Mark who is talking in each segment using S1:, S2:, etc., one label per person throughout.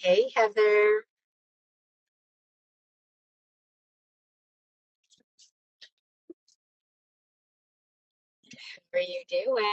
S1: Hey Heather, how are you doing?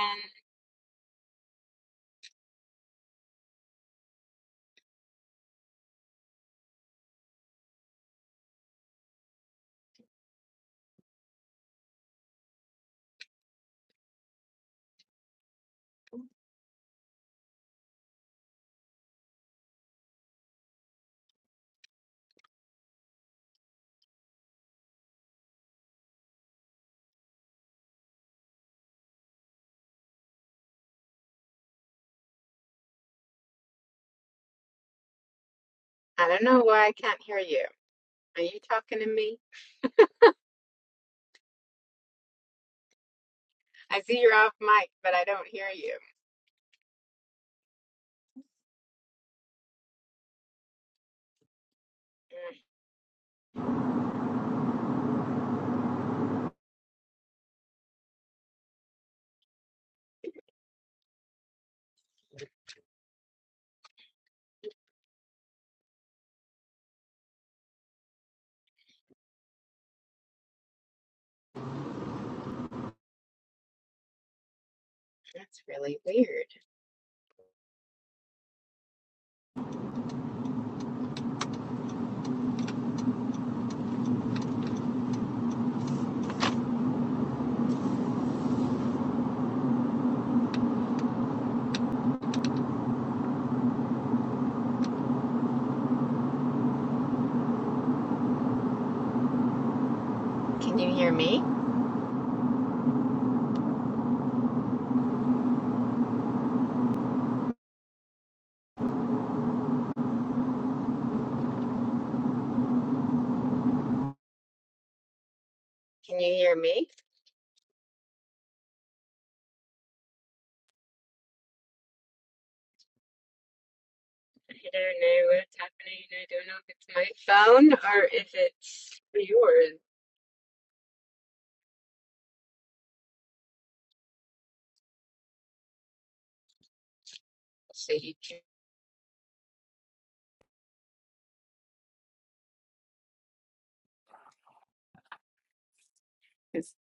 S1: I don't know why I can't hear you. Are you talking to me? I see you're off mic, but I don't hear you. Mm, That's really weird. Can you hear me? Can you hear me? I don't know what's happening. I don't know if it's my phone or if it's yours. So you can, 'cause-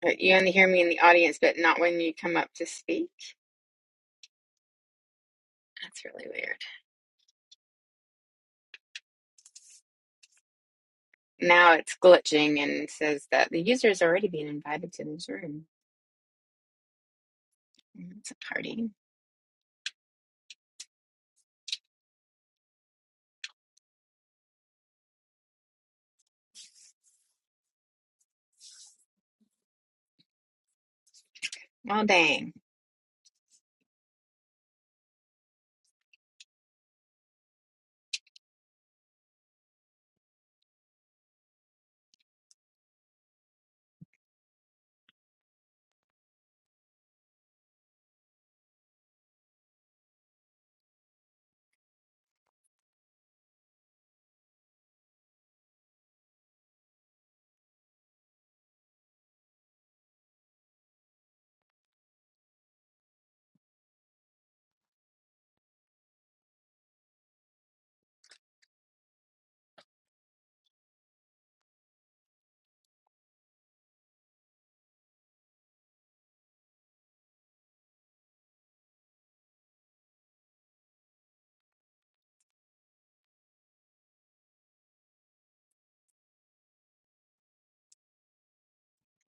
S1: but you only hear me in the audience, but not when you come up to speak. That's really weird. Now it's glitching and says that the user is already being invited to this room. Mm, It's a party. Oh, dang.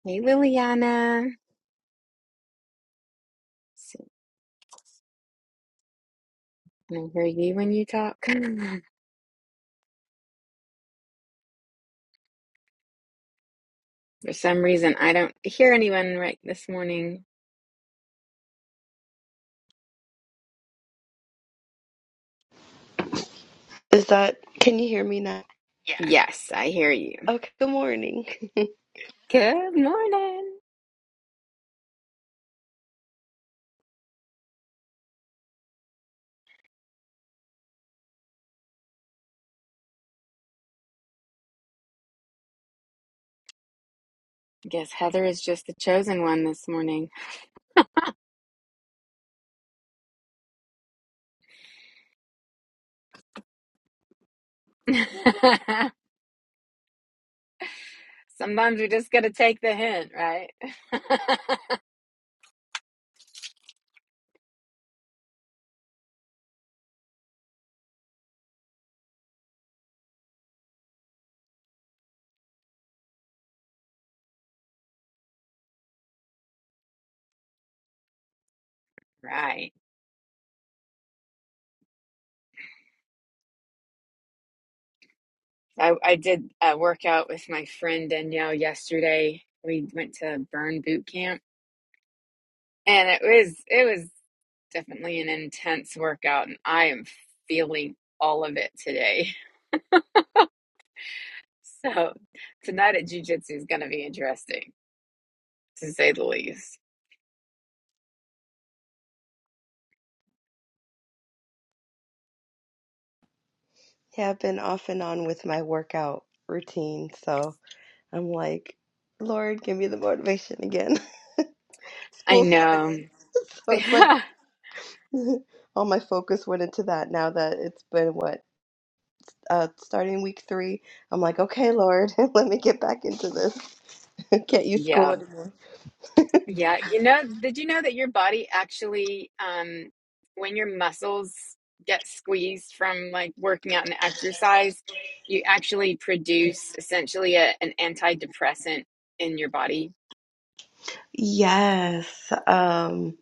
S1: Hey, Liliana. So, Can I hear you when you talk? For some reason, I don't hear anyone right this morning.
S2: Is that, can you hear me now?
S1: Yes, I hear you.
S2: Okay, good morning.
S1: Good morning. Guess Heather is just the chosen one this morning. Sometimes we just got to take the hint, right? Right. I, I did a workout with my friend Danielle yesterday. We went to Burn Boot Camp. And it was it was definitely an intense workout and I am feeling all of it today. So tonight at jujitsu is gonna be interesting, to say the least.
S2: Yeah, I've been off and on with my workout routine, so I'm like, Lord, give me the motivation again.
S1: I
S2: School
S1: know.
S2: started. So it's like
S1: Yeah.
S2: all my focus went into that now that it's been what, uh, starting week three. I'm like, okay, Lord, let me get back into this. Can't use school
S1: Yeah.
S2: anymore.
S1: Yeah. You know, did you know that your body actually um when your muscles get squeezed from like working out and exercise, you actually produce essentially a, an antidepressant in your body.
S2: Yes, um,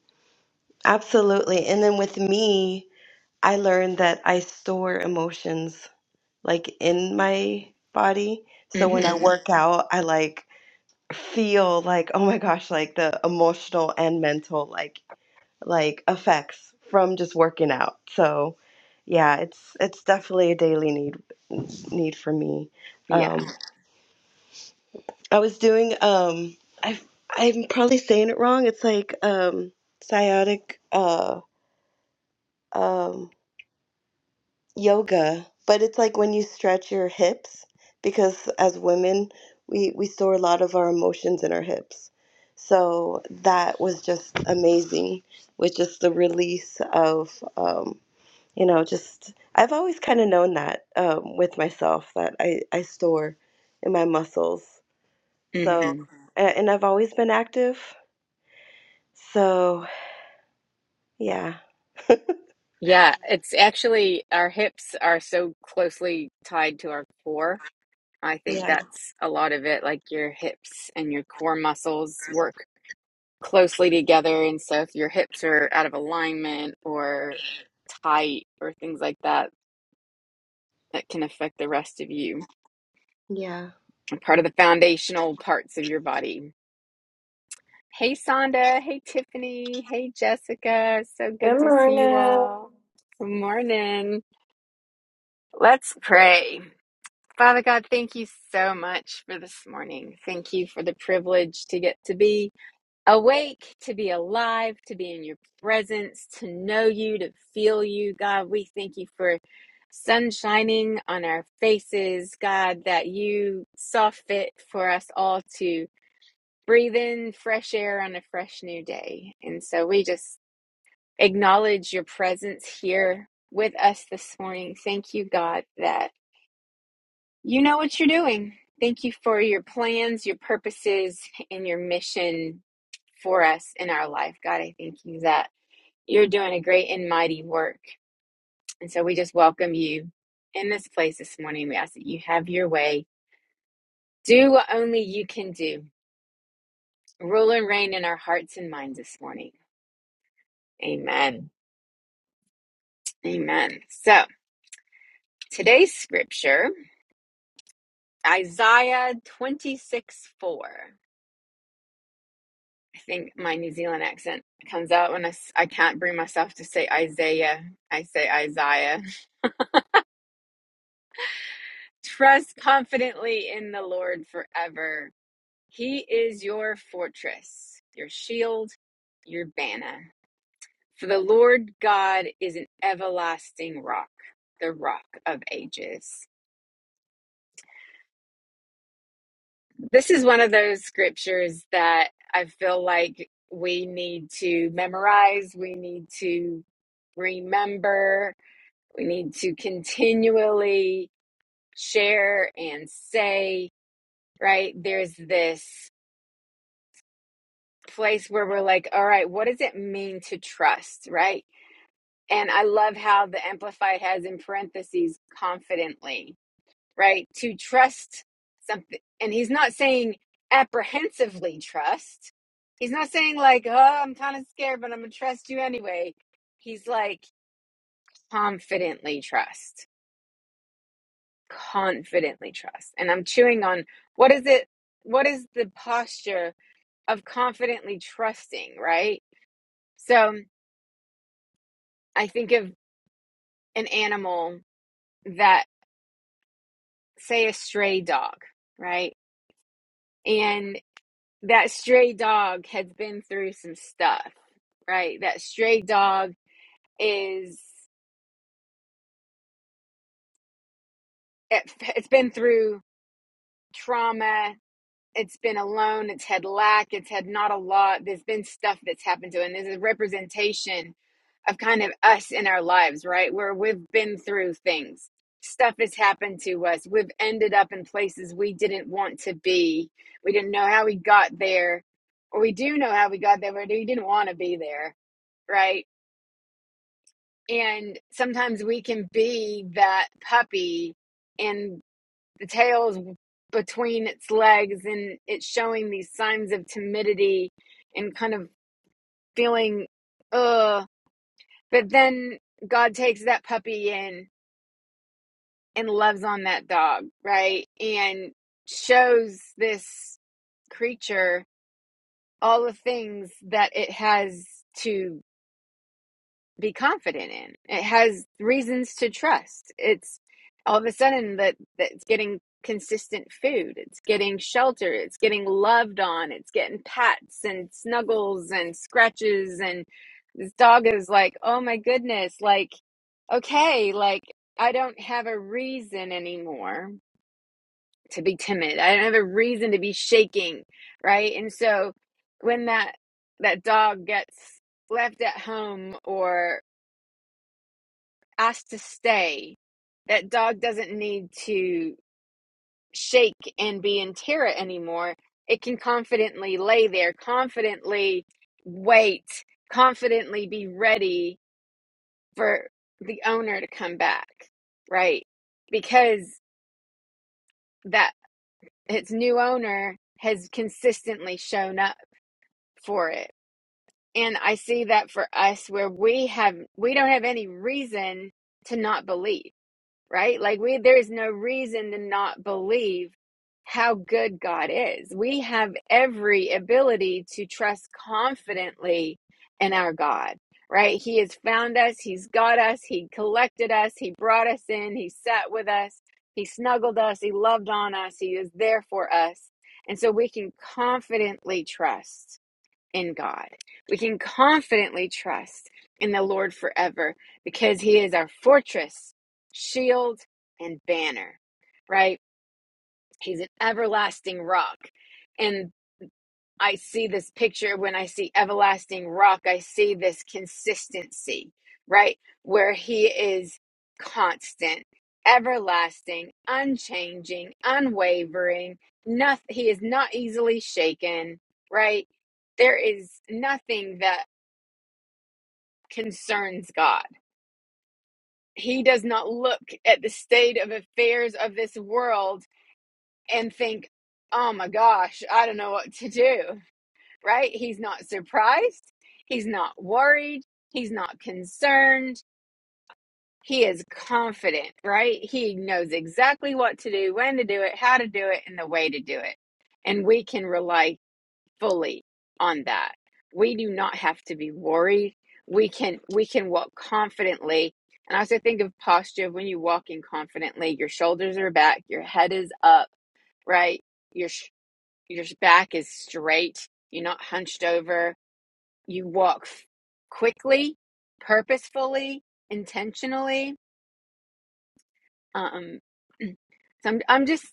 S2: absolutely. And then with me, I learned that I store emotions like in my body. So when I Mhm.
S1: hmm
S2: work out, I like feel like oh my gosh, like the emotional and mental like like effects from just working out. So yeah, it's it's definitely a daily need need for me.
S1: Yeah.
S2: Um, I was doing um I I'm probably saying it wrong. It's like um sciatic uh um yoga, but it's like when you stretch your hips because as women, we we store a lot of our emotions in our hips. So that was just amazing with just the release of um, you know, just I've always kind of known that um, with myself that I I store in my muscles. So
S1: Mm-hmm.
S2: Mhm. a- and I've always been active. So yeah,
S1: Yeah, it's actually our hips are so closely tied to our core. I think
S2: yeah,
S1: that's a lot of it. Like your hips and your core muscles work closely together. And so if your hips are out of alignment or tight or things like that, that can affect the rest of you.
S2: yeah.
S1: Part of the foundational parts of your body. Hey, Sonda. Hey, Tiffany. Hey, Jessica. So good
S3: Good
S1: to see you
S3: morning.
S1: all. Good morning. Let's pray. Father God, thank you so much for this morning. Thank you for the privilege to get to be awake, to be alive, to be in your presence, to know you, to feel you. God, we thank you for sun shining on our faces. God, that you saw fit for us all to breathe in fresh air on a fresh new day. And so we just acknowledge your presence here with us this morning. Thank you, God, that. You know what you're doing. Thank you for your plans, your purposes, and your mission for us in our life. God, I thank you that you're doing a great and mighty work. And so we just welcome you in this place this morning. We ask that you have your way. Do what only you can do. Rule and reign in our hearts and minds this morning. Amen. Amen. So today's scripture, Isaiah 26 4. I think my New Zealand accent comes out when I I s- I can't bring myself to say Isaiah. I say Isaiah. Trust confidently in the Lord forever. He is your fortress, your shield, your banner. For the Lord God is an everlasting rock, the rock of ages. This is one of those scriptures that I feel like we need to memorize, we need to remember We need to continually share and say, right? There's this place where we're like, all right, what does it mean to trust, right? And I love how the Amplified has in parentheses confidently, right? To trust something. And he's not saying apprehensively trust. He's not saying like, oh, I'm kind of scared, but I'm going to trust you anyway. He's like confidently trust confidently trust. And I'm chewing on what is it? What is the posture of confidently trusting, right? So I think of an animal that, say, a stray dog, right? And that stray dog has been through some stuff, right? That stray dog is, it, it's been through trauma, it's been alone, it's had lack, it's had not a lot. There's been stuff that's happened to it, and there's a representation of kind of us in our lives, right? Where we've been through things. Stuff has happened to us. We've ended up in places we didn't want to be. We didn't know how we got there, or we do know how we got there, but we didn't want to be there, right? And sometimes we can be that puppy in the tail is between its legs and it's showing these signs of timidity and kind of feeling ugh but then god takes that puppy in and loves on that dog right and shows this creature all the things that it has to be confident in. It has reasons to trust. It's all of a sudden that that's getting consistent food. It's getting shelter. It's getting loved on. It's getting pats and snuggles and scratches and this dog is like, "Oh my goodness, like okay, like I don't have a reason anymore to be timid. I don't have a reason to be shaking, right?" And so when that that dog gets left at home or asked to stay. That dog doesn't need to shake and be in terror anymore. It can confidently lay there, confidently wait, confidently be ready for the owner to come back, right? Because that its new owner has consistently shown up for it. And I see that for us where we have we don't have any reason to not believe right? Like we there is no reason to not believe how good God is. We have every ability to trust confidently in our God, right? He has found us, he's got us, he collected us, he brought us in, he sat with us, he snuggled us, he loved on us, he is there for us. And so we can confidently trust in God. We can confidently trust in the Lord forever because He is our fortress, shield, and banner, right? He's an everlasting rock. And I see this picture when I see everlasting rock, I see this consistency, right? Where he is constant, everlasting, unchanging, unwavering. Nothing, he is not easily shaken, right? There is nothing that concerns God. He does not look at the state of affairs of this world and think, oh my gosh, I don't know what to do right? He's not surprised. He's not worried. He's not concerned. He is confident, right? He knows exactly what to do, when to do it, how to do it, and the way to do it. And we can rely fully on that. We do not have to be worried. We can we can walk confidently. And I also think of posture when you walk in confidently, your shoulders are back, your head is up, right? Your sh- your back is straight. You're not hunched over you walk quickly, purposefully, intentionally. Um, so I'm, I'm just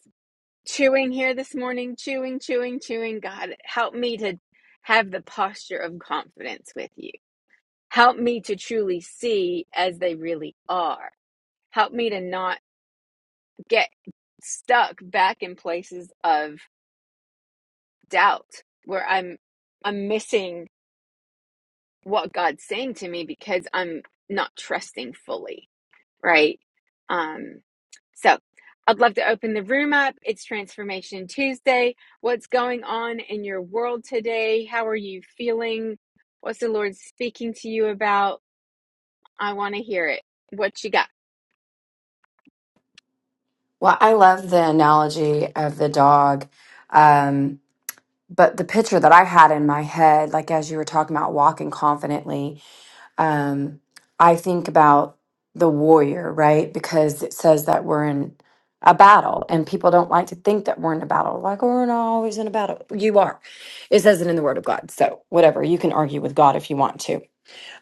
S1: chewing here this morning, chewing, chewing, chewing. God, help me to have the posture of confidence with you. Help me to truly see as they really are. Help me to not get stuck back in places of doubt where I'm I'm missing what God's saying to me because I'm not trusting fully. right? Um, so I'd love to open the room up. It's Transformation Tuesday. What's going on in your world today? How are you feeling? What's the Lord speaking to you about? I want to hear it. What you got?
S3: Well, I love the analogy of the dog. Um, but the picture that I had in my head, like as you were talking about walking confidently, um, I think about the warrior, right? Because it says that we're in a battle and people don't like to think that we're in a battle. Like, "Oh, we're not always in a battle. You are. It says it in the word of God. So, whatever. You can argue with God if you want to.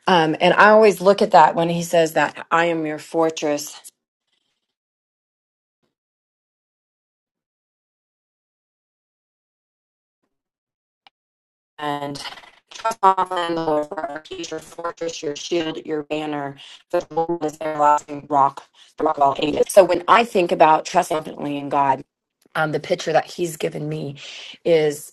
S3: Um, and I always look at that when he says that I am your fortress and trust on the Lord for our future fortress, your shield, your banner. The Lord is their lasting rock, the rock of all ages. So when I think about trust confidently in God, um, the picture that He's given me is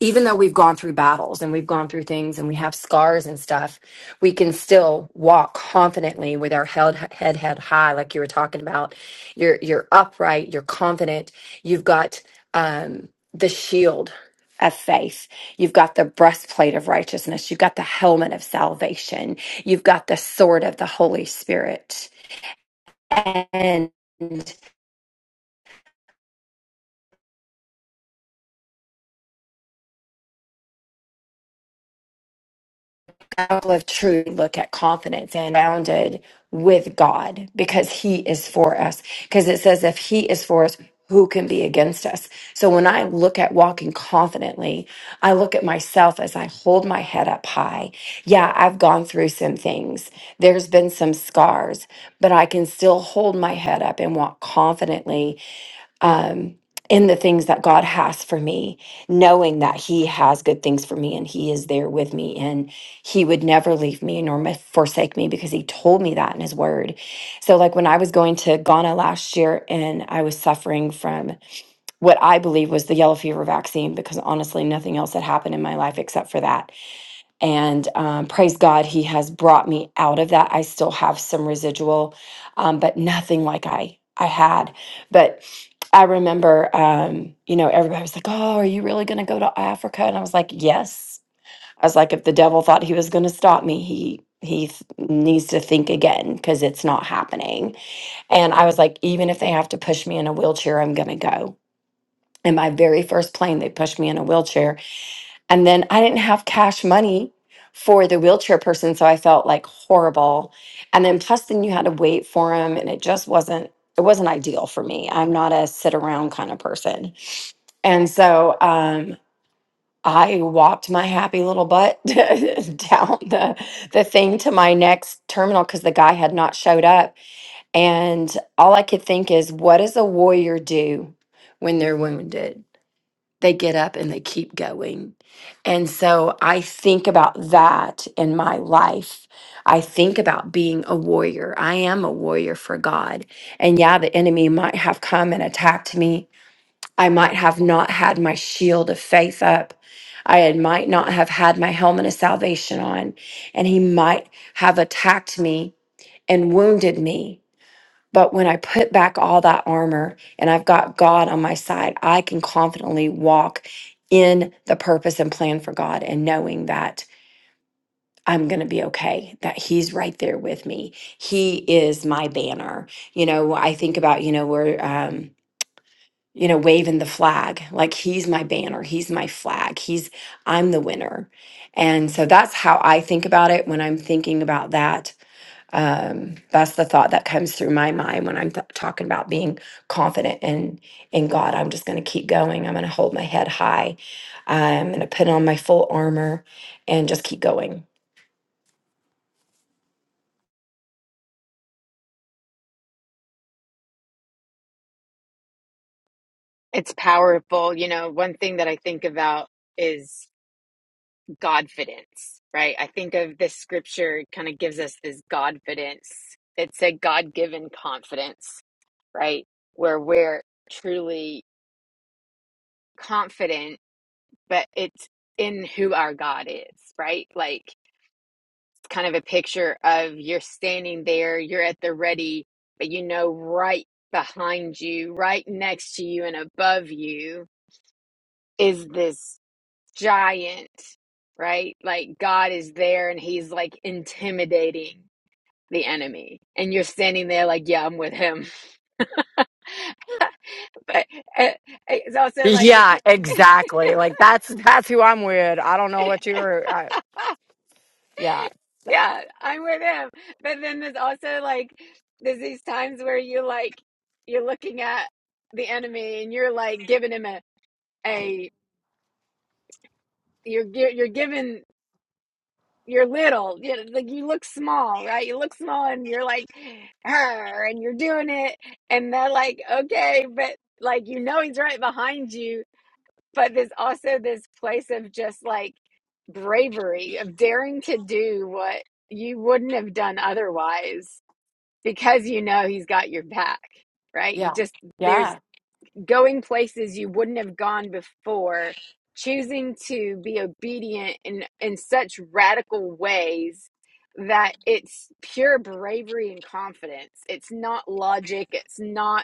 S3: even though we've gone through battles and we've gone through things and we have scars and stuff, we can still walk confidently with our head head head high, like you were talking about. You're you're upright, you're confident. You've got um, the shield of faith. You've got the breastplate of righteousness. You've got the helmet of salvation. You've got the sword of the Holy Spirit. And apple of truth, look at confidence and bounded with God because He is for us. Because it says, if He is for us, who can be against us? So when I look at walking confidently, I look at myself as I hold my head up high. Yeah, I've gone through some things. There's been some scars, but I can still hold my head up and walk confidently um, in the things that God has for me, knowing that He has good things for me and He is there with me and He would never leave me nor mis- forsake me because He told me that in His Word. So, like when I was going to Ghana last year and I was suffering from what I believe was the yellow fever vaccine, because honestly, nothing else had happened in my life except for that and um, praise God, He has brought me out of that. I still have some residual, um, but nothing like I I had. But I remember, um, you know, everybody was like, "Oh, are you really going to go to Africa?" And I was like, "Yes." I was like, "If the devil thought he was going to stop me, he." He th- needs to think again because it's not happening. And I was like, even if they have to push me in a wheelchair, I'm going to go. And my very first plane, they pushed me in a wheelchair and then I didn't have cash money for the wheelchair person. So I felt like horrible. And then plus then you had to wait for him and it just wasn't it wasn't ideal for me. I'm not a sit around kind of person. And so um I walked my happy little butt down the the thing to my next terminal because the guy had not showed up. And all I could think is, what does a warrior do when they're wounded? they get up and they keep going. And so I think about that in my life. I think about being a warrior. I am a warrior for God. And yeah, the enemy might have come and attacked me. I might have not had my shield of faith up. I had- might not have had my helmet of salvation on. And he might have attacked me and wounded me. But when I put back all that armor and I've got God on my side, I can confidently walk in the purpose and plan for God and knowing that I'm going to be okay, that He's right there with me. He is my banner. You know, I think about, you know, we're, um, you know, waving the flag, like he's my banner, he's my flag, he's, I'm the winner. And so that's how I think about it when I'm thinking about that um, that's the thought that comes through my mind when I'm th- talking about being confident in in God. I'm just going to keep going. I'm going to hold my head high. I'm going to put on my full armor and just keep going.
S1: It's powerful. You know, one thing that I think about is Godfidence, right? I think of this scripture kind of gives us this Godfidence. It's a God given confidence, right? Where we're truly confident but it's in who our God is, right? Like it's kind of a picture of you're standing there, you're at the ready, but you know right behind you, right next to you and above you is this giant, right? Like God is there and he's like intimidating the enemy. And you're standing there like, yeah, I'm with him. but uh, it's also like
S3: Yeah,
S1: the
S3: exactly. Like that's that's who I'm with. I don't know what you were. I, yeah,
S1: Yeah, I'm with him. But then there's also like there's these times where you like you're looking at the enemy and you're like giving him a a you're gi- you're giving you're little, you know, like you look small, right? You look small and you're like her and you're doing it and they're like okay, but like you know he's right behind you, but there's also this place of just like bravery of daring to do what you wouldn't have done otherwise because you know he's got your back, right?
S3: yeah,
S1: Just there's
S3: yeah.
S1: going places you wouldn't have gone before, choosing to be obedient in in such radical ways that it's pure bravery and confidence. It's not logic, it's not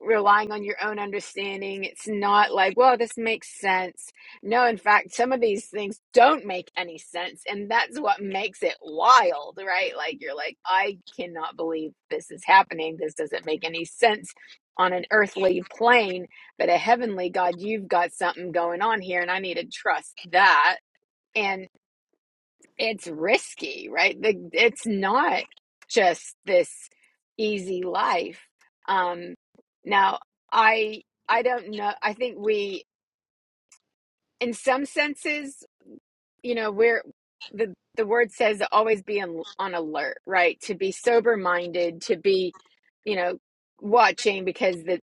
S1: relying on your own understanding. It's not like, well, this makes sense. No, in fact, some of these things don't make any sense. And that's what makes it wild, right? Like, you're like, I cannot believe this is happening. This doesn't make any sense on an earthly plane, but a heavenly God, you've got something going on here. And I need to trust that. And it's risky, right? The, it's not just this easy life. Um, now, I I don't know. I think we, in some senses, you know, we're the the word says to always be on, on alert, right? To be sober minded, to be, you know, watching because the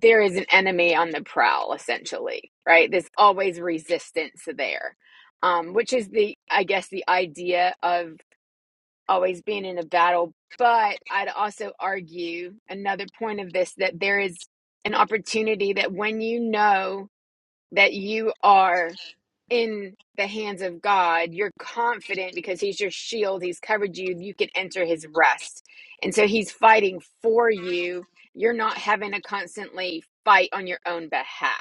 S1: there is an enemy on the prowl, essentially, right? There's always resistance there, um, which is the I guess the idea of always being in a battle. But I'd also argue another point of this that there is an opportunity that when you know that you are in the hands of God, you're confident because He's your shield, He's covered you, you can enter His rest. And so He's fighting for you. You're not having to constantly fight on your own behalf.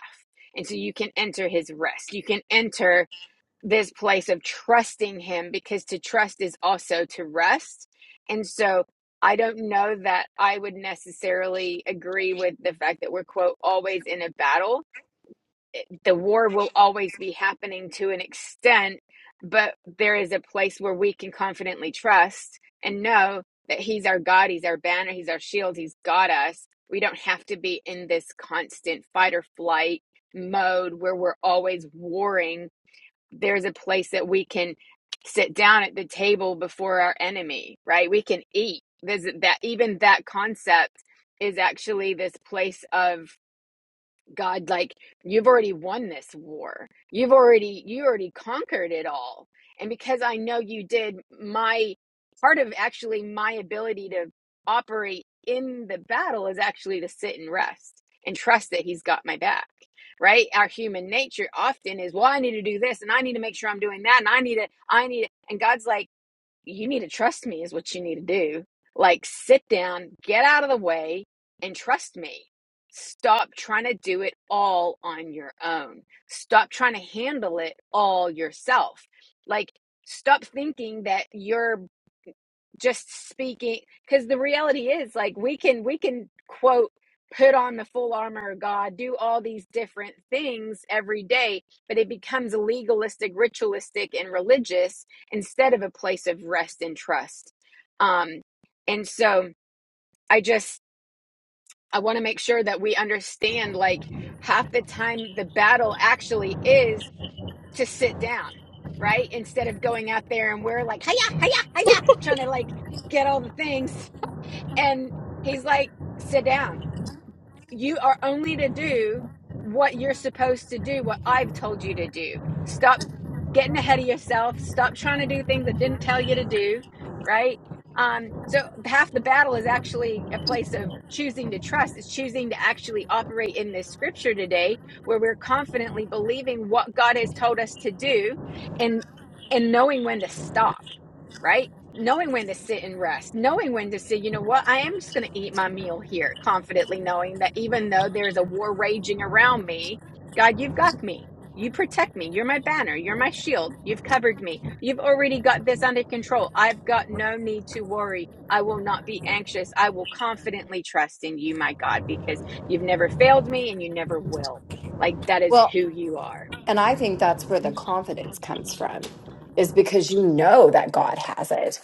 S1: And so you can enter His rest. You can enter this place of trusting him because to trust is also to rest. And so I don't know that I would necessarily agree with the fact that we're, quote, always in a battle. The war will always be happening to an extent, but there is a place where we can confidently trust and know that he's our God, he's our banner, he's our shield, he's got us. We don't have to be in this constant fight or flight mode where we're always warring there's a place that we can sit down at the table before our enemy right we can eat there's that even that concept is actually this place of God, like you've already won this war. You've already you already conquered it all. And because I know you did, my part of actually my ability to operate in the battle is actually to sit and rest and trust that he's got my back. Right? Our human nature often is, well, I need to do this and I need to make sure I'm doing that and I need to I need to and God's like you need to trust me is what you need to do. Like sit down, get out of the way and trust me. Stop trying to do it all on your own. Stop trying to handle it all yourself. Like stop thinking that your just speaking because the reality is like we can we can quote put on the full armor of god do all these different things every day but it becomes legalistic ritualistic and religious instead of a place of rest and trust um and so i just i want to make sure that we understand like half the time the battle actually is to sit down right instead of going out there and we're like hiya hiya hiya trying to like get all the things and he's like, sit down. You are only to do what you're supposed to do, what I've told you to do. Stop getting ahead of yourself. Stop trying to do things I didn't tell you to do. Right. Um, so half the battle is actually a place of choosing to trust. It's choosing to actually operate in this scripture today where we're confidently believing what God has told us to do and and knowing when to stop, right? knowing when to sit and rest, knowing when to say, you know what, I am just going to eat my meal here, confidently knowing that even though there's a war raging around me, God, you've got me. You protect me. You're my banner. You're my shield. You've covered me. You've already got this under control. I've got no need to worry. I will not be anxious. I will confidently trust in you, my God, because you've never failed me and you never will. Like, that is
S3: Well,
S1: who you are.
S3: And I think that's where the confidence comes from, is because you know that God has it.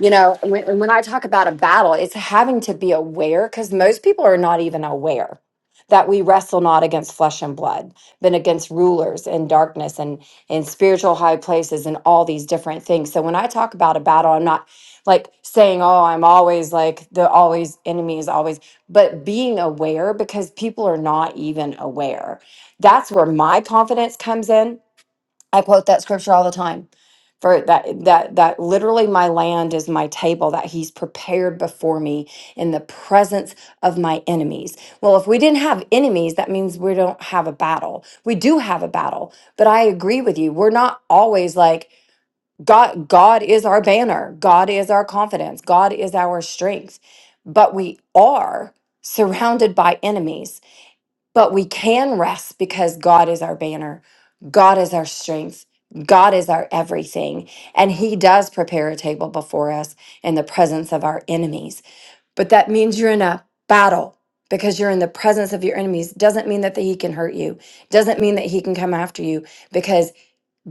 S3: You know, and when, and when I talk about a battle, it's having to be aware because most people are not even aware that we wrestle not against flesh and blood, but against rulers and darkness and in spiritual high places and all these different things. So when I talk about a battle, I'm not like saying, oh, I'm always like the always enemy is always, but being aware because people are not even aware that's where my confidence comes in. I quote that scripture all the time. For that that that literally my land is my table that he's prepared before me in the presence of my enemies. Well, if we didn't have enemies, that means we don't have a battle. We do have a battle. But I agree with you. We're not always like God God is our banner. God is our confidence. God is our strength. But we are surrounded by enemies but we can rest because God is our banner, God is our strength, God is our everything. And He does prepare a table before us in the presence of our enemies. But that means you're in a battle because you're in the presence of your enemies. Doesn't mean that He can hurt you, doesn't mean that He can come after you because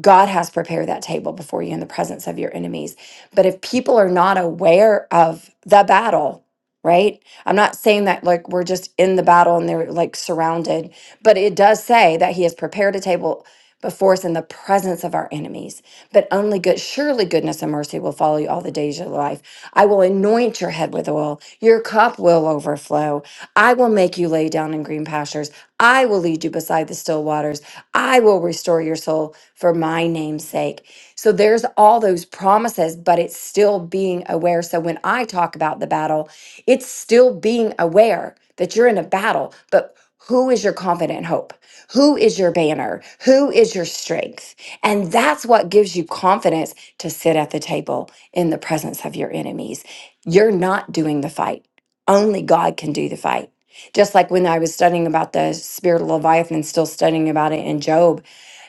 S3: God has prepared that table before you in the presence of your enemies. But if people are not aware of the battle, right? I'm not saying that like we're just in the battle and they're like surrounded, but it does say that he has prepared a table before us in the presence of our enemies. But only good, surely goodness and mercy will follow you all the days of your life. I will anoint your head with oil, your cup will overflow. I will make you lay down in green pastures. I will lead you beside the still waters. I will restore your soul for my name's sake. So there's all those promises, but it's still being aware. So when I talk about the battle, it's still being aware that you're in a battle, but who is your confident hope? Who is your banner? Who is your strength? And that's what gives you confidence to sit at the table in the presence of your enemies. You're not doing the fight. Only God can do the fight just like when I was studying about the spirit of Leviathan, still studying about it in Job.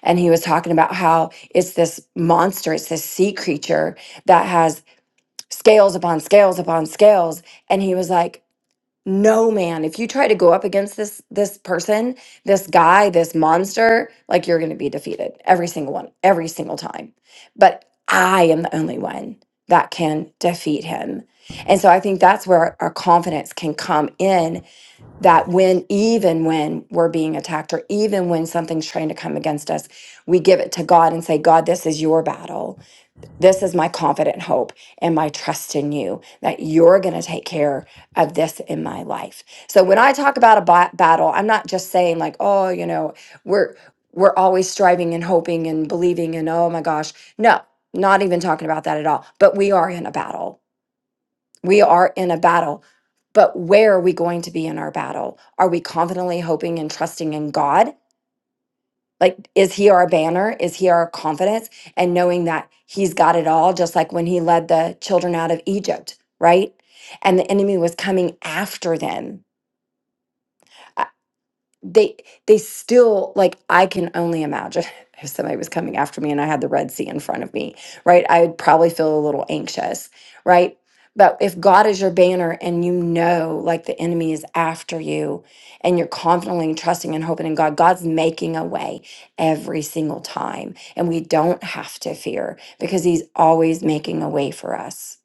S3: And he was talking about how it's this monster, it's this sea creature that has scales upon scales upon scales. And he was like, no man, if you try to go up against this this person, this guy, this monster, like you're gonna be defeated every single one, every single time. But I am the only one that can defeat him. And so I think that's where our confidence can come in that when even when we're being attacked or even when something's trying to come against us we give it to god and say god this is your battle this is my confident hope and my trust in you that you're going to take care of this in my life so when i talk about a ba- battle i'm not just saying like oh you know we're we're always striving and hoping and believing and oh my gosh no not even talking about that at all but we are in a battle we are in a battle, but where are we going to be in our battle? Are we confidently hoping and trusting in God? Like, is He our banner? Is He our confidence? And knowing that He's got it all, just like when He led the children out of Egypt, right? And the enemy was coming after them they they still like i can only imagine if somebody was coming after me and i had the red sea in front of me right i would probably feel a little anxious right but if god is your banner and you know like the enemy is after you and you're confidently trusting and hoping in god god's making a way every single time and we don't have to fear because he's always making a way for us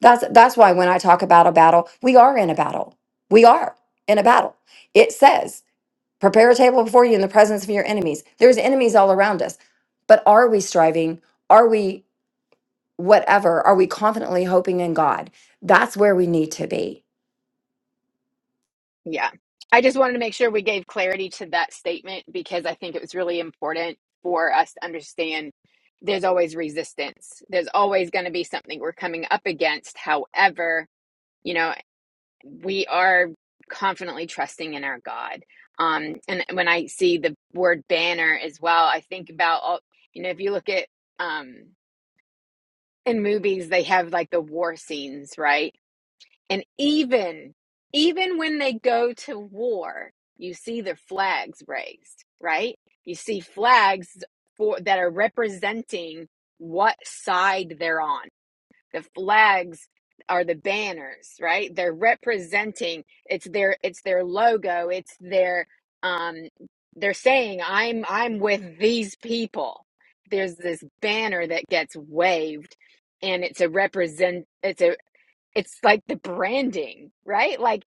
S3: that's that's why when i talk about a battle we are in a battle we are in a battle it says Prepare a table before you in the presence of your enemies. There's enemies all around us. But are we striving? Are we whatever? Are we confidently hoping in God? That's where we need to be.
S1: Yeah. I just wanted to make sure we gave clarity to that statement because I think it was really important for us to understand there's always resistance. There's always going to be something we're coming up against. However, you know, we are confidently trusting in our God. Um, and when I see the word banner as well, I think about all, you know, if you look at um, in movies, they have like the war scenes, right? And even even when they go to war, you see their flags raised, right? You see flags for that are representing what side they're on. The flags are the banners, right? They're representing it's their it's their logo, it's their um they're saying I'm I'm with these people. There's this banner that gets waved and it's a represent it's a it's like the branding, right? Like,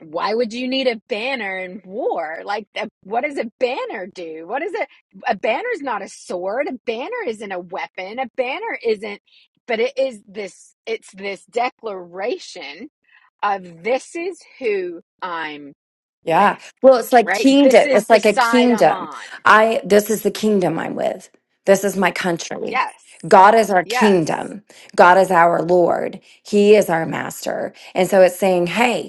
S1: why would you need a banner in war? Like, uh, what does a banner do? What is it? A banner's not a sword. A banner isn't a weapon. A banner isn't, but it is this, it's this declaration of this is who I'm with,
S3: Yeah. Well, it's like
S1: right? This
S3: kingdom.
S1: is
S3: It's
S1: the
S3: like a
S1: side I'm
S3: kingdom.
S1: on.
S3: I this is the kingdom I'm with. This is my country.
S1: Yes.
S3: God is our
S1: Yes.
S3: kingdom. God is our Lord. He is our master. And so it's saying, hey,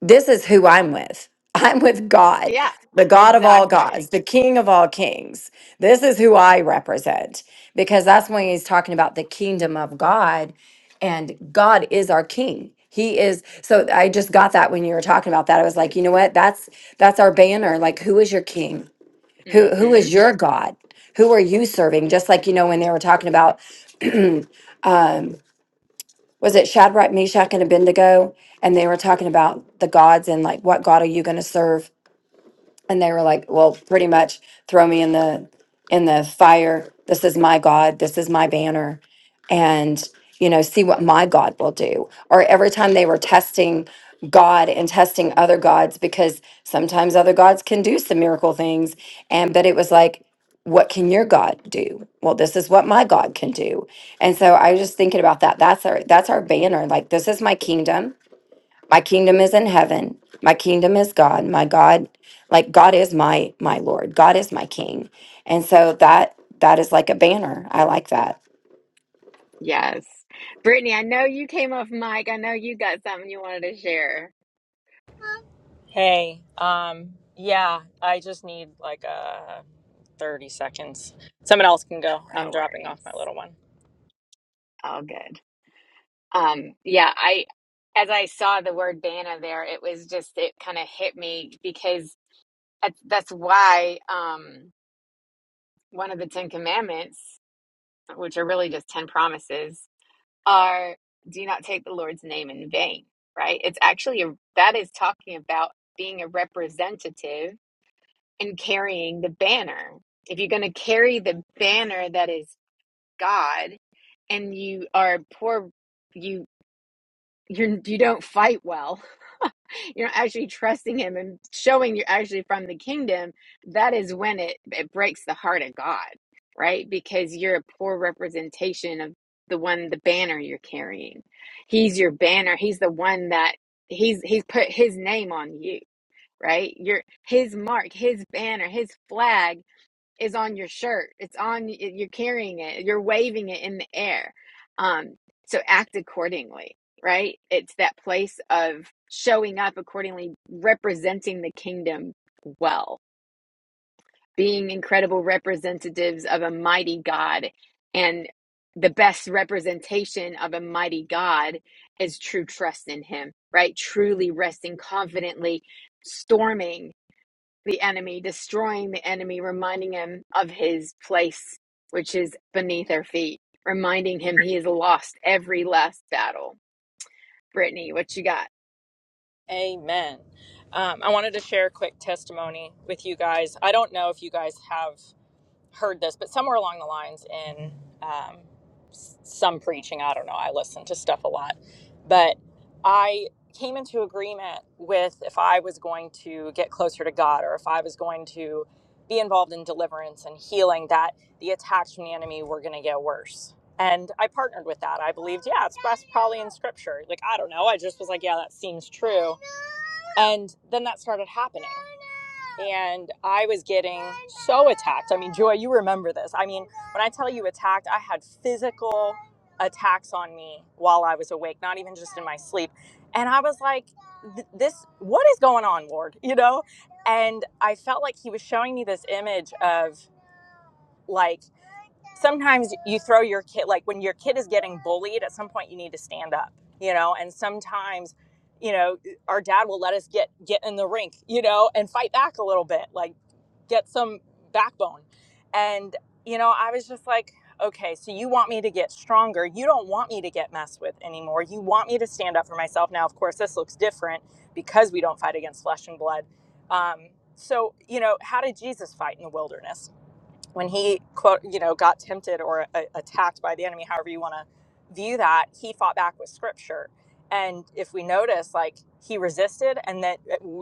S3: This is who I'm with. I'm with God,
S1: Yeah,
S3: the God of all
S1: exactly.
S3: gods, the King of all kings. This is who I represent because that's when he's talking about the kingdom of God, and God is our King. He is so I just got that when you were talking about that. I was like, you know what? That's that's our banner. Like, who is your king? Who who
S1: Mm-hmm.
S3: is your God? Who are you serving? Just like you know when they were talking about um was it Shadrach, Meshach, and Abednego? And they were talking about the gods and like, what God are you going to serve? and they were like well pretty much throw me in the in the fire this is my god this is my banner and you know see what my god will do or every time they were testing god and testing other gods because sometimes other gods can do some miracle things and but it was like what can your god do well this is what my god can do and so i was just thinking about that that's our that's our banner like this is my kingdom my kingdom is in heaven. My kingdom is God. My God, like God is my my Lord. God is my King. And so that that is like a banner. I like that.
S1: Yes. Brittany, I know you came off mic. I know you got something you wanted to share.
S4: Hey, um, yeah, I just need like uh 30 seconds. Someone else can go. I'm
S1: No
S4: dropping off
S1: worries.
S4: my little one.
S1: All good. Um, yeah, I as I saw the word Vanna there, it was just it kind of hit me because that's that's why um one of the Ten Commandments, which are really just ten promises, are do not take the Lord's name in vain, right? It's actually a, that is talking about being a representative and carrying the banner. If you're going to carry the banner that is God and you are poor, you you're, you you do not fight well. You're not actually trusting Him and showing you're actually from the kingdom. That is when it, it breaks the heart of God, right? Because you're a poor representation of the one, the banner you're carrying. He's your banner. He's the one that he's he's put His name on you, right? Your His mark, His banner, His flag is on your shirt. It's on you're carrying it. You're waving it in the air. Um so act accordingly, right? It's that place of showing up accordingly, representing the kingdom well, being incredible representatives of a mighty God and the best representation of a mighty God is true trust in him, right? Truly resting confidently, storming the enemy, destroying the enemy, reminding him of his place, which is beneath our feet, reminding him he has lost every last battle. Brittany, what you got?
S4: Amen. Um, I wanted to share a quick testimony with you guys. I don't know if you guys have. heard this, but somewhere along the lines in um, some preaching, I don't know, I listen to stuff a lot, but I came into agreement with if I was going to get closer to God or if I was going to be involved in deliverance and healing, that the attacks from the enemy were going to get worse. And I partnered with that. I believed, yeah, it's that's probably in scripture. Like, I don't know. I just was like, yeah, that seems true. And then that started happening and I was getting so attacked. I mean, Joy, you remember this. I mean, when I tell you attacked, I had physical attacks on me while I was awake, not even just in my sleep. And I was like, "Th- this, what is going on, Lord? You know? And I felt like he was showing me this image of like, sometimes you throw your kid, like when your kid is getting bullied, at some point you need to stand up, you know? And sometimes, you know, our dad will let us get get in the rink, you know, and fight back a little bit. Like get some backbone. And, you know, I was just like, okay, so you want me to get stronger. You don't want me to get messed with anymore. You want me to stand up for myself. Now, of course, this looks different because we don't fight against flesh and blood. Um, so, you know, how did Jesus fight in the wilderness? when he quote you know got tempted or a- attacked by the enemy however you want to view that he fought back with scripture and if we notice like he resisted and then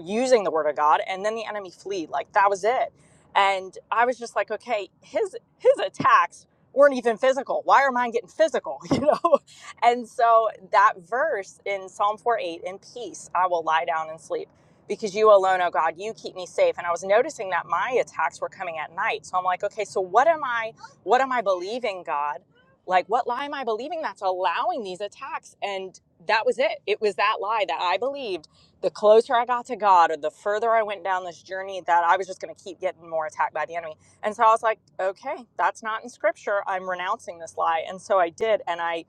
S4: using the word of god and then the enemy fled like that was it and i was just like okay his his attacks weren't even physical why are mine getting physical you know and so that verse in psalm 4 8 in peace i will lie down and sleep because you alone, oh God, you keep me safe. And I was noticing that my attacks were coming at night. So I'm like, okay, so what am I, what am I believing, God? Like, what lie am I believing that's allowing these attacks? And that was it. It was that lie that I believed. The closer I got to God or the further I went down this journey, that I was just going to keep getting more attacked by the enemy. And so I was like, okay, that's not in scripture. I'm renouncing this lie. And so I did. And I,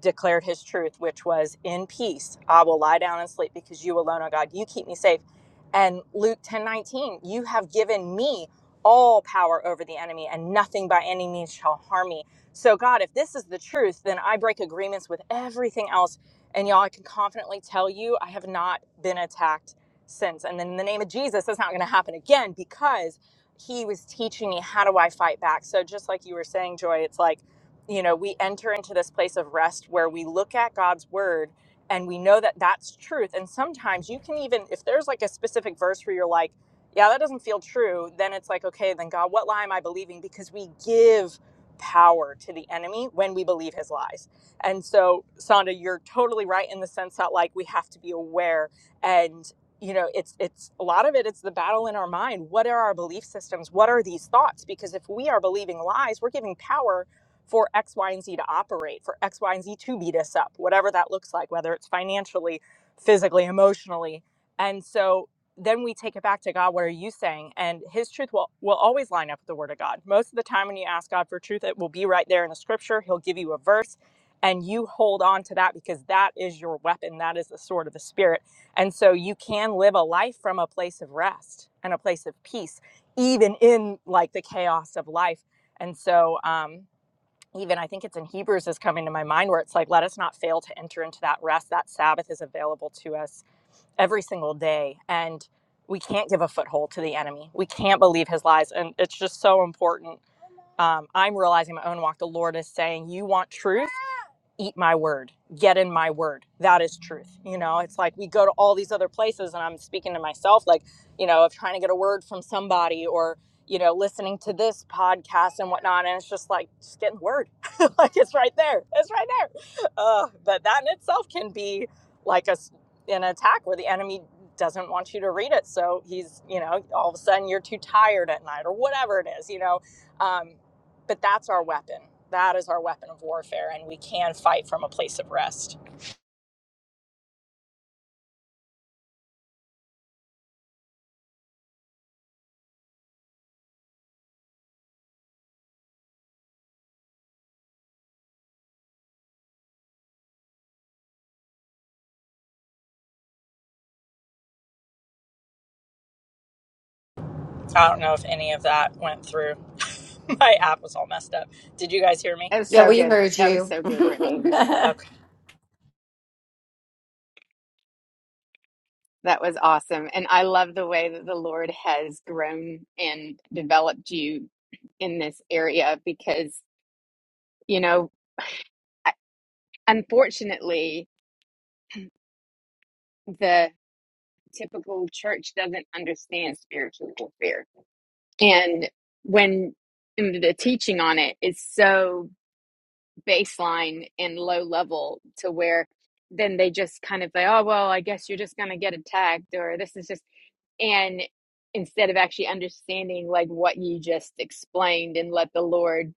S4: declared his truth, which was, In peace, I will lie down and sleep because you alone, O God, you keep me safe. And Luke ten nineteen, you have given me all power over the enemy, and nothing by any means shall harm me. So, God, if this is the truth, then I break agreements with everything else. And y'all, I can confidently tell you, I have not been attacked since. And then in the name of Jesus, that's not going to happen again because he was teaching me how do I fight back. So, just like you were saying, Joy, it's like, you know, we enter into this place of rest where we look at God's word and we know that that's truth. And sometimes you can even, if there's like a specific verse where you're like, yeah, that doesn't feel true, then it's like, okay, then God, what lie am I believing? Because we give power to the enemy when we believe his lies. And so, Sonda, you're totally right in the sense that like we have to be aware and you know it's it's a lot of it it's the battle in our mind what are our belief systems what are these thoughts because if we are believing lies we're giving power for X, Y, and Z to operate, for X, Y, and Z to beat us up, whatever that looks like, whether it's financially, physically, emotionally. And so then we take it back to God, what are you saying? And his truth will, will always line up with the word of God. Most of the time when you ask God for truth, it will be right there in the scripture. He'll give you a verse and you hold on to that because that is your weapon. That is the sword of the spirit. And so you can live a life from a place of rest and a place of peace, even in like the chaos of life. And so, um, even I think it's in Hebrews is coming to my mind where it's like, let us not fail to enter into that rest. That Sabbath is available to us every single day. And we can't give a foothold to the enemy. We can't believe his lies. And it's just so important. Um, I'm realizing my own walk. The Lord is saying, You want truth? eat my word, get in my word. That is truth. You know, it's like we go to all these other places, and I'm speaking to myself, like, you know, of trying to get a word from somebody or, you know, listening to this podcast and whatnot. And it's just like, just getting word. like, it's right there. It's right there. Uh, but that in itself can be like a an attack where the enemy doesn't want you to read it. So he's, you know, all of a sudden you're too tired at night or whatever it is, you know. Um, but that's our weapon. That is our weapon of warfare, and we can fight from a place of rest. I don't know if any of that went through. My app was all messed up. Did you guys hear me?
S1: That was
S3: Yeah,
S1: so
S3: we
S1: good.
S3: heard
S1: That was
S3: you.
S1: so good, Brittany.
S4: Okay.
S1: That was awesome. And I love the way that the Lord has grown and developed you in this area because, you know, unfortunately, the typical church doesn't understand spiritual warfare And when the teaching on it is so baseline and low level to where then they just kind of say, oh, well, I guess you're just going to get attacked or this is just, and instead of actually understanding like what you just explained and let the Lord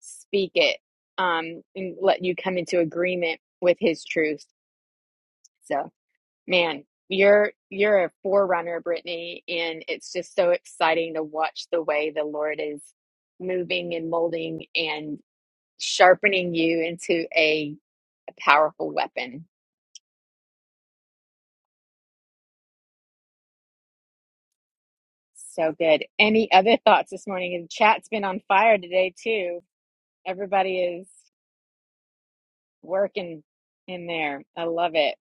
S1: speak it um, and let you come into agreement with his truth. So Man, you're you're a forerunner, Brittany, and it's just so exciting to watch the way the Lord is moving and molding and sharpening you into a, a powerful weapon. So good. Any other thoughts this morning? And the chat's been on fire today too. Everybody is working in there. I love it.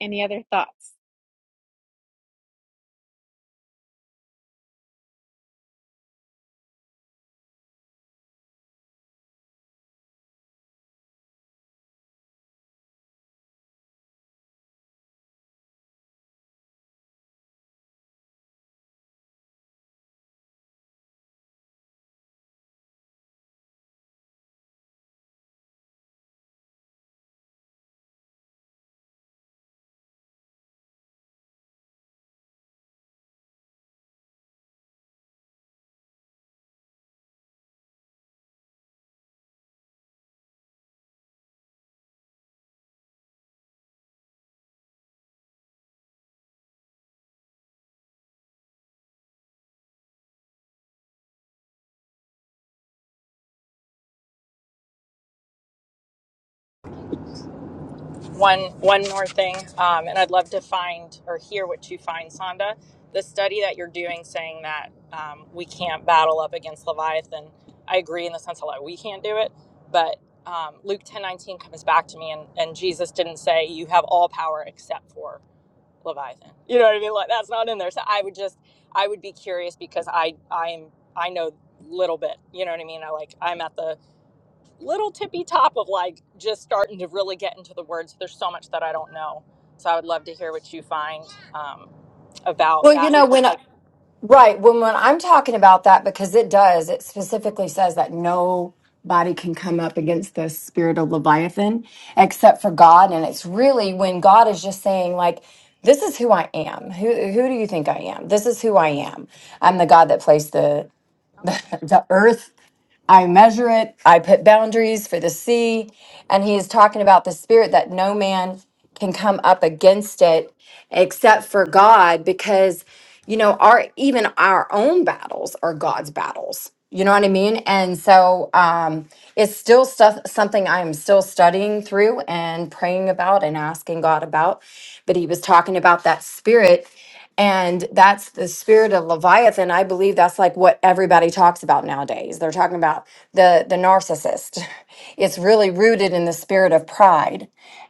S1: Any other thoughts?
S4: one one more thing um, and i'd love to find or hear what you find sonda the study that you're doing saying that um, we can't battle up against leviathan i agree in the sense of like we can't do it but um, luke 10 19 comes back to me and, and jesus didn't say you have all power except for leviathan you know what i mean like that's not in there so i would just i would be curious because i i'm i know little bit you know what i mean i like i'm at the little tippy top of like just starting to really get into the words. There's so much that I don't know. So I would love to hear what you find um, about
S3: Well, you
S4: that
S3: know
S4: because
S3: when
S4: like
S3: Right. When when I'm talking about that, because it does, it specifically says that nobody can come up against the spirit of Leviathan except for God. And it's really when God is just saying, like, this is who I am. Who who do you think I am? This is who I am. I'm the God that placed the the, earth I measure it, I put boundaries for the sea. And he is talking about the spirit that no man can come up against it except for God, because, you know, our even our own battles are God's battles. You know what I mean? And so um, it's still stuff, something I'm still studying through and praying about and asking God about. But he was talking about that spirit. And that's the spirit of Leviathan. I believe that's like what everybody talks about nowadays. They're talking about the the narcissist. It's really rooted in the spirit of pride.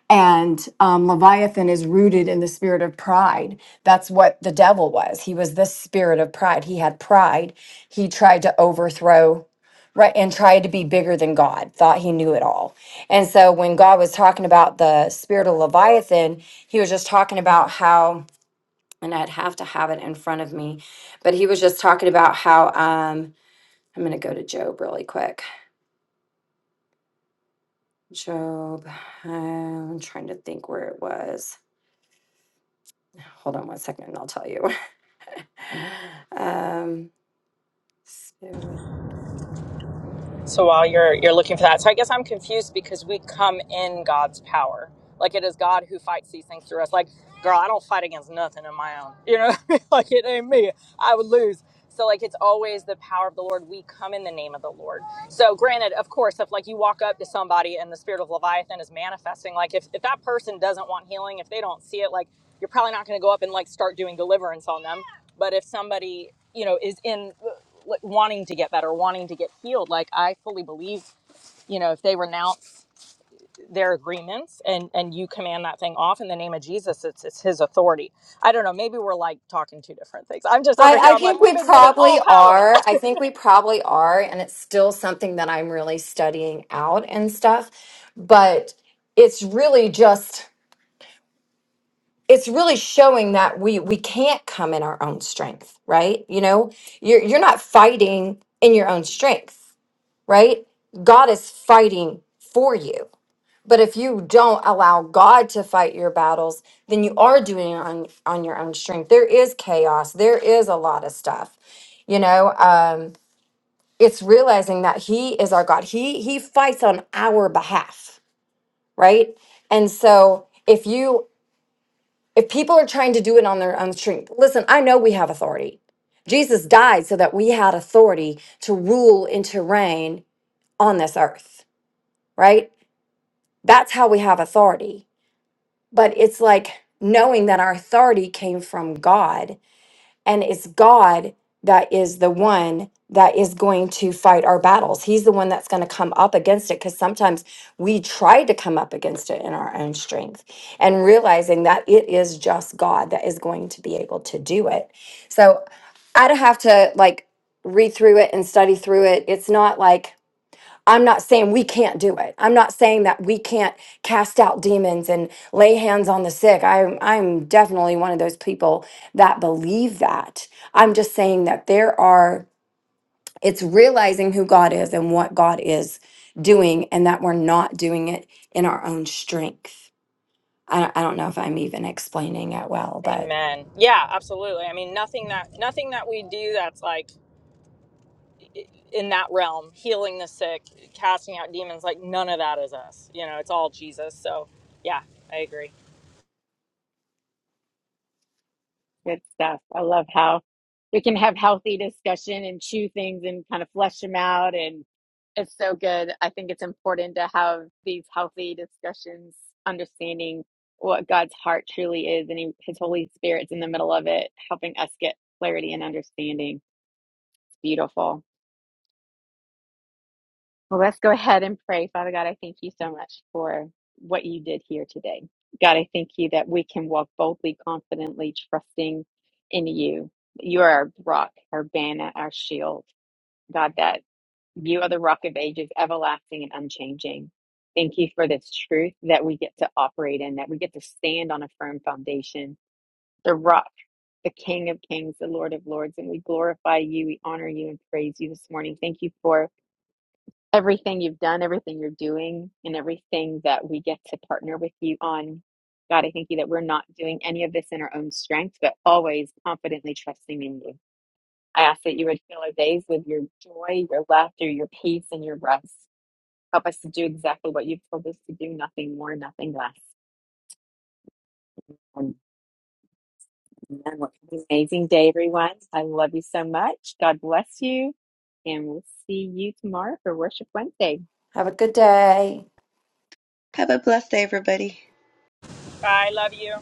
S3: And um, Leviathan is rooted in the spirit of pride. That's what the devil was. He was the spirit of pride. He had pride. He tried to overthrow, right, and tried to be bigger than God, thought he knew it all. And so when God was talking about the spirit of Leviathan, he was just talking about how and I'd have to have it in front of me. But he was just talking about how um I'm gonna go to Job really quick. Job, I'm trying to think where it was. Hold on one second and I'll tell you. um spirit.
S4: So while you're you're looking for that, so I guess I'm confused because we come in God's power. Like it is God who fights these things through us. Like, girl, I don't fight against nothing on my own. You know, what I mean? like it ain't me. I would lose. So like it's always the power of the Lord. We come in the name of the Lord. So granted, of course, if like you walk up to somebody and the spirit of Leviathan is manifesting, like if, if that person doesn't want healing, if they don't see it, like you're probably not gonna go up and like start doing deliverance on them. But if somebody, you know, is in like wanting to get better, wanting to get healed. Like I fully believe, you know, if they renounce their agreements and and you command that thing off in the name of Jesus, it's it's his authority. I don't know, maybe we're like talking two different things. I'm just over
S3: I,
S4: here,
S3: I
S4: I'm like,
S3: think
S4: we've
S3: we
S4: been given all
S3: probably
S4: power.
S3: are. I think we probably are, and it's still something that I'm really studying out and stuff. But it's really just it's really showing that we we can't come in our own strength right you know you're you're not fighting in your own strength right god is fighting for you but if you don't allow god to fight your battles then you are doing it on on your own strength there is chaos there is a lot of stuff you know um it's realizing that he is our god he he fights on our behalf right and so if you if people are trying to do it on their own strength, listen, I know we have authority. Jesus died so that we had authority to rule and to reign on this earth, right? That's how we have authority. But it's like knowing that our authority came from God and it's God that is the one that is going to fight our battles. He's the one that's going to come up against it because sometimes we try to come up against it in our own strength and realizing that it is just God that is going to be able to do it. So I'd have to like read through it and study through it. It's not like I'm not saying we can't do it. I'm not saying that we can't cast out demons and lay hands on the sick. I'm I'm definitely one of those people that believe that. I'm just saying that there are it's realizing who God is and what God is doing and that we're not doing it in our own strength. I, I don't know if I'm even explaining it well, but
S4: Amen. Yeah, absolutely. I mean, nothing that nothing that we do that's like in that realm, healing the sick, casting out demons, like none of that is us. You know, it's all Jesus. So, yeah, I agree.
S1: Good stuff. I love how we can have healthy discussion and chew things and kind of flesh them out. And it's so good. I think it's important to have these healthy discussions, understanding what God's heart truly is and he, his Holy Spirit's in the middle of it, helping us get clarity and understanding. It's beautiful. Well, let's go ahead and pray. Father God, I thank you so much for what you did here today. God, I thank you that we can walk boldly, confidently, trusting in you. You are our rock, our banner, our shield. God, that you are the rock of ages, everlasting and unchanging. Thank you for this truth that we get to operate in, that we get to stand on a firm foundation, the rock, the King of kings, the Lord of lords. And we glorify you, we honor you, and praise you this morning. Thank you for everything you've done, everything you're doing, and everything that we get to partner with you on. God, I thank you that we're not doing any of this in our own strength, but always confidently trusting in you. I ask that you would fill our days with your joy, your laughter, your peace, and your rest. Help us to do exactly what you've told us to do, nothing more, nothing less. And amen. What an amazing day, everyone. I love you so much. God bless you. And we'll see you tomorrow for Worship Wednesday.
S3: have a good day.
S2: Have a blessed day, everybody.
S4: I love you.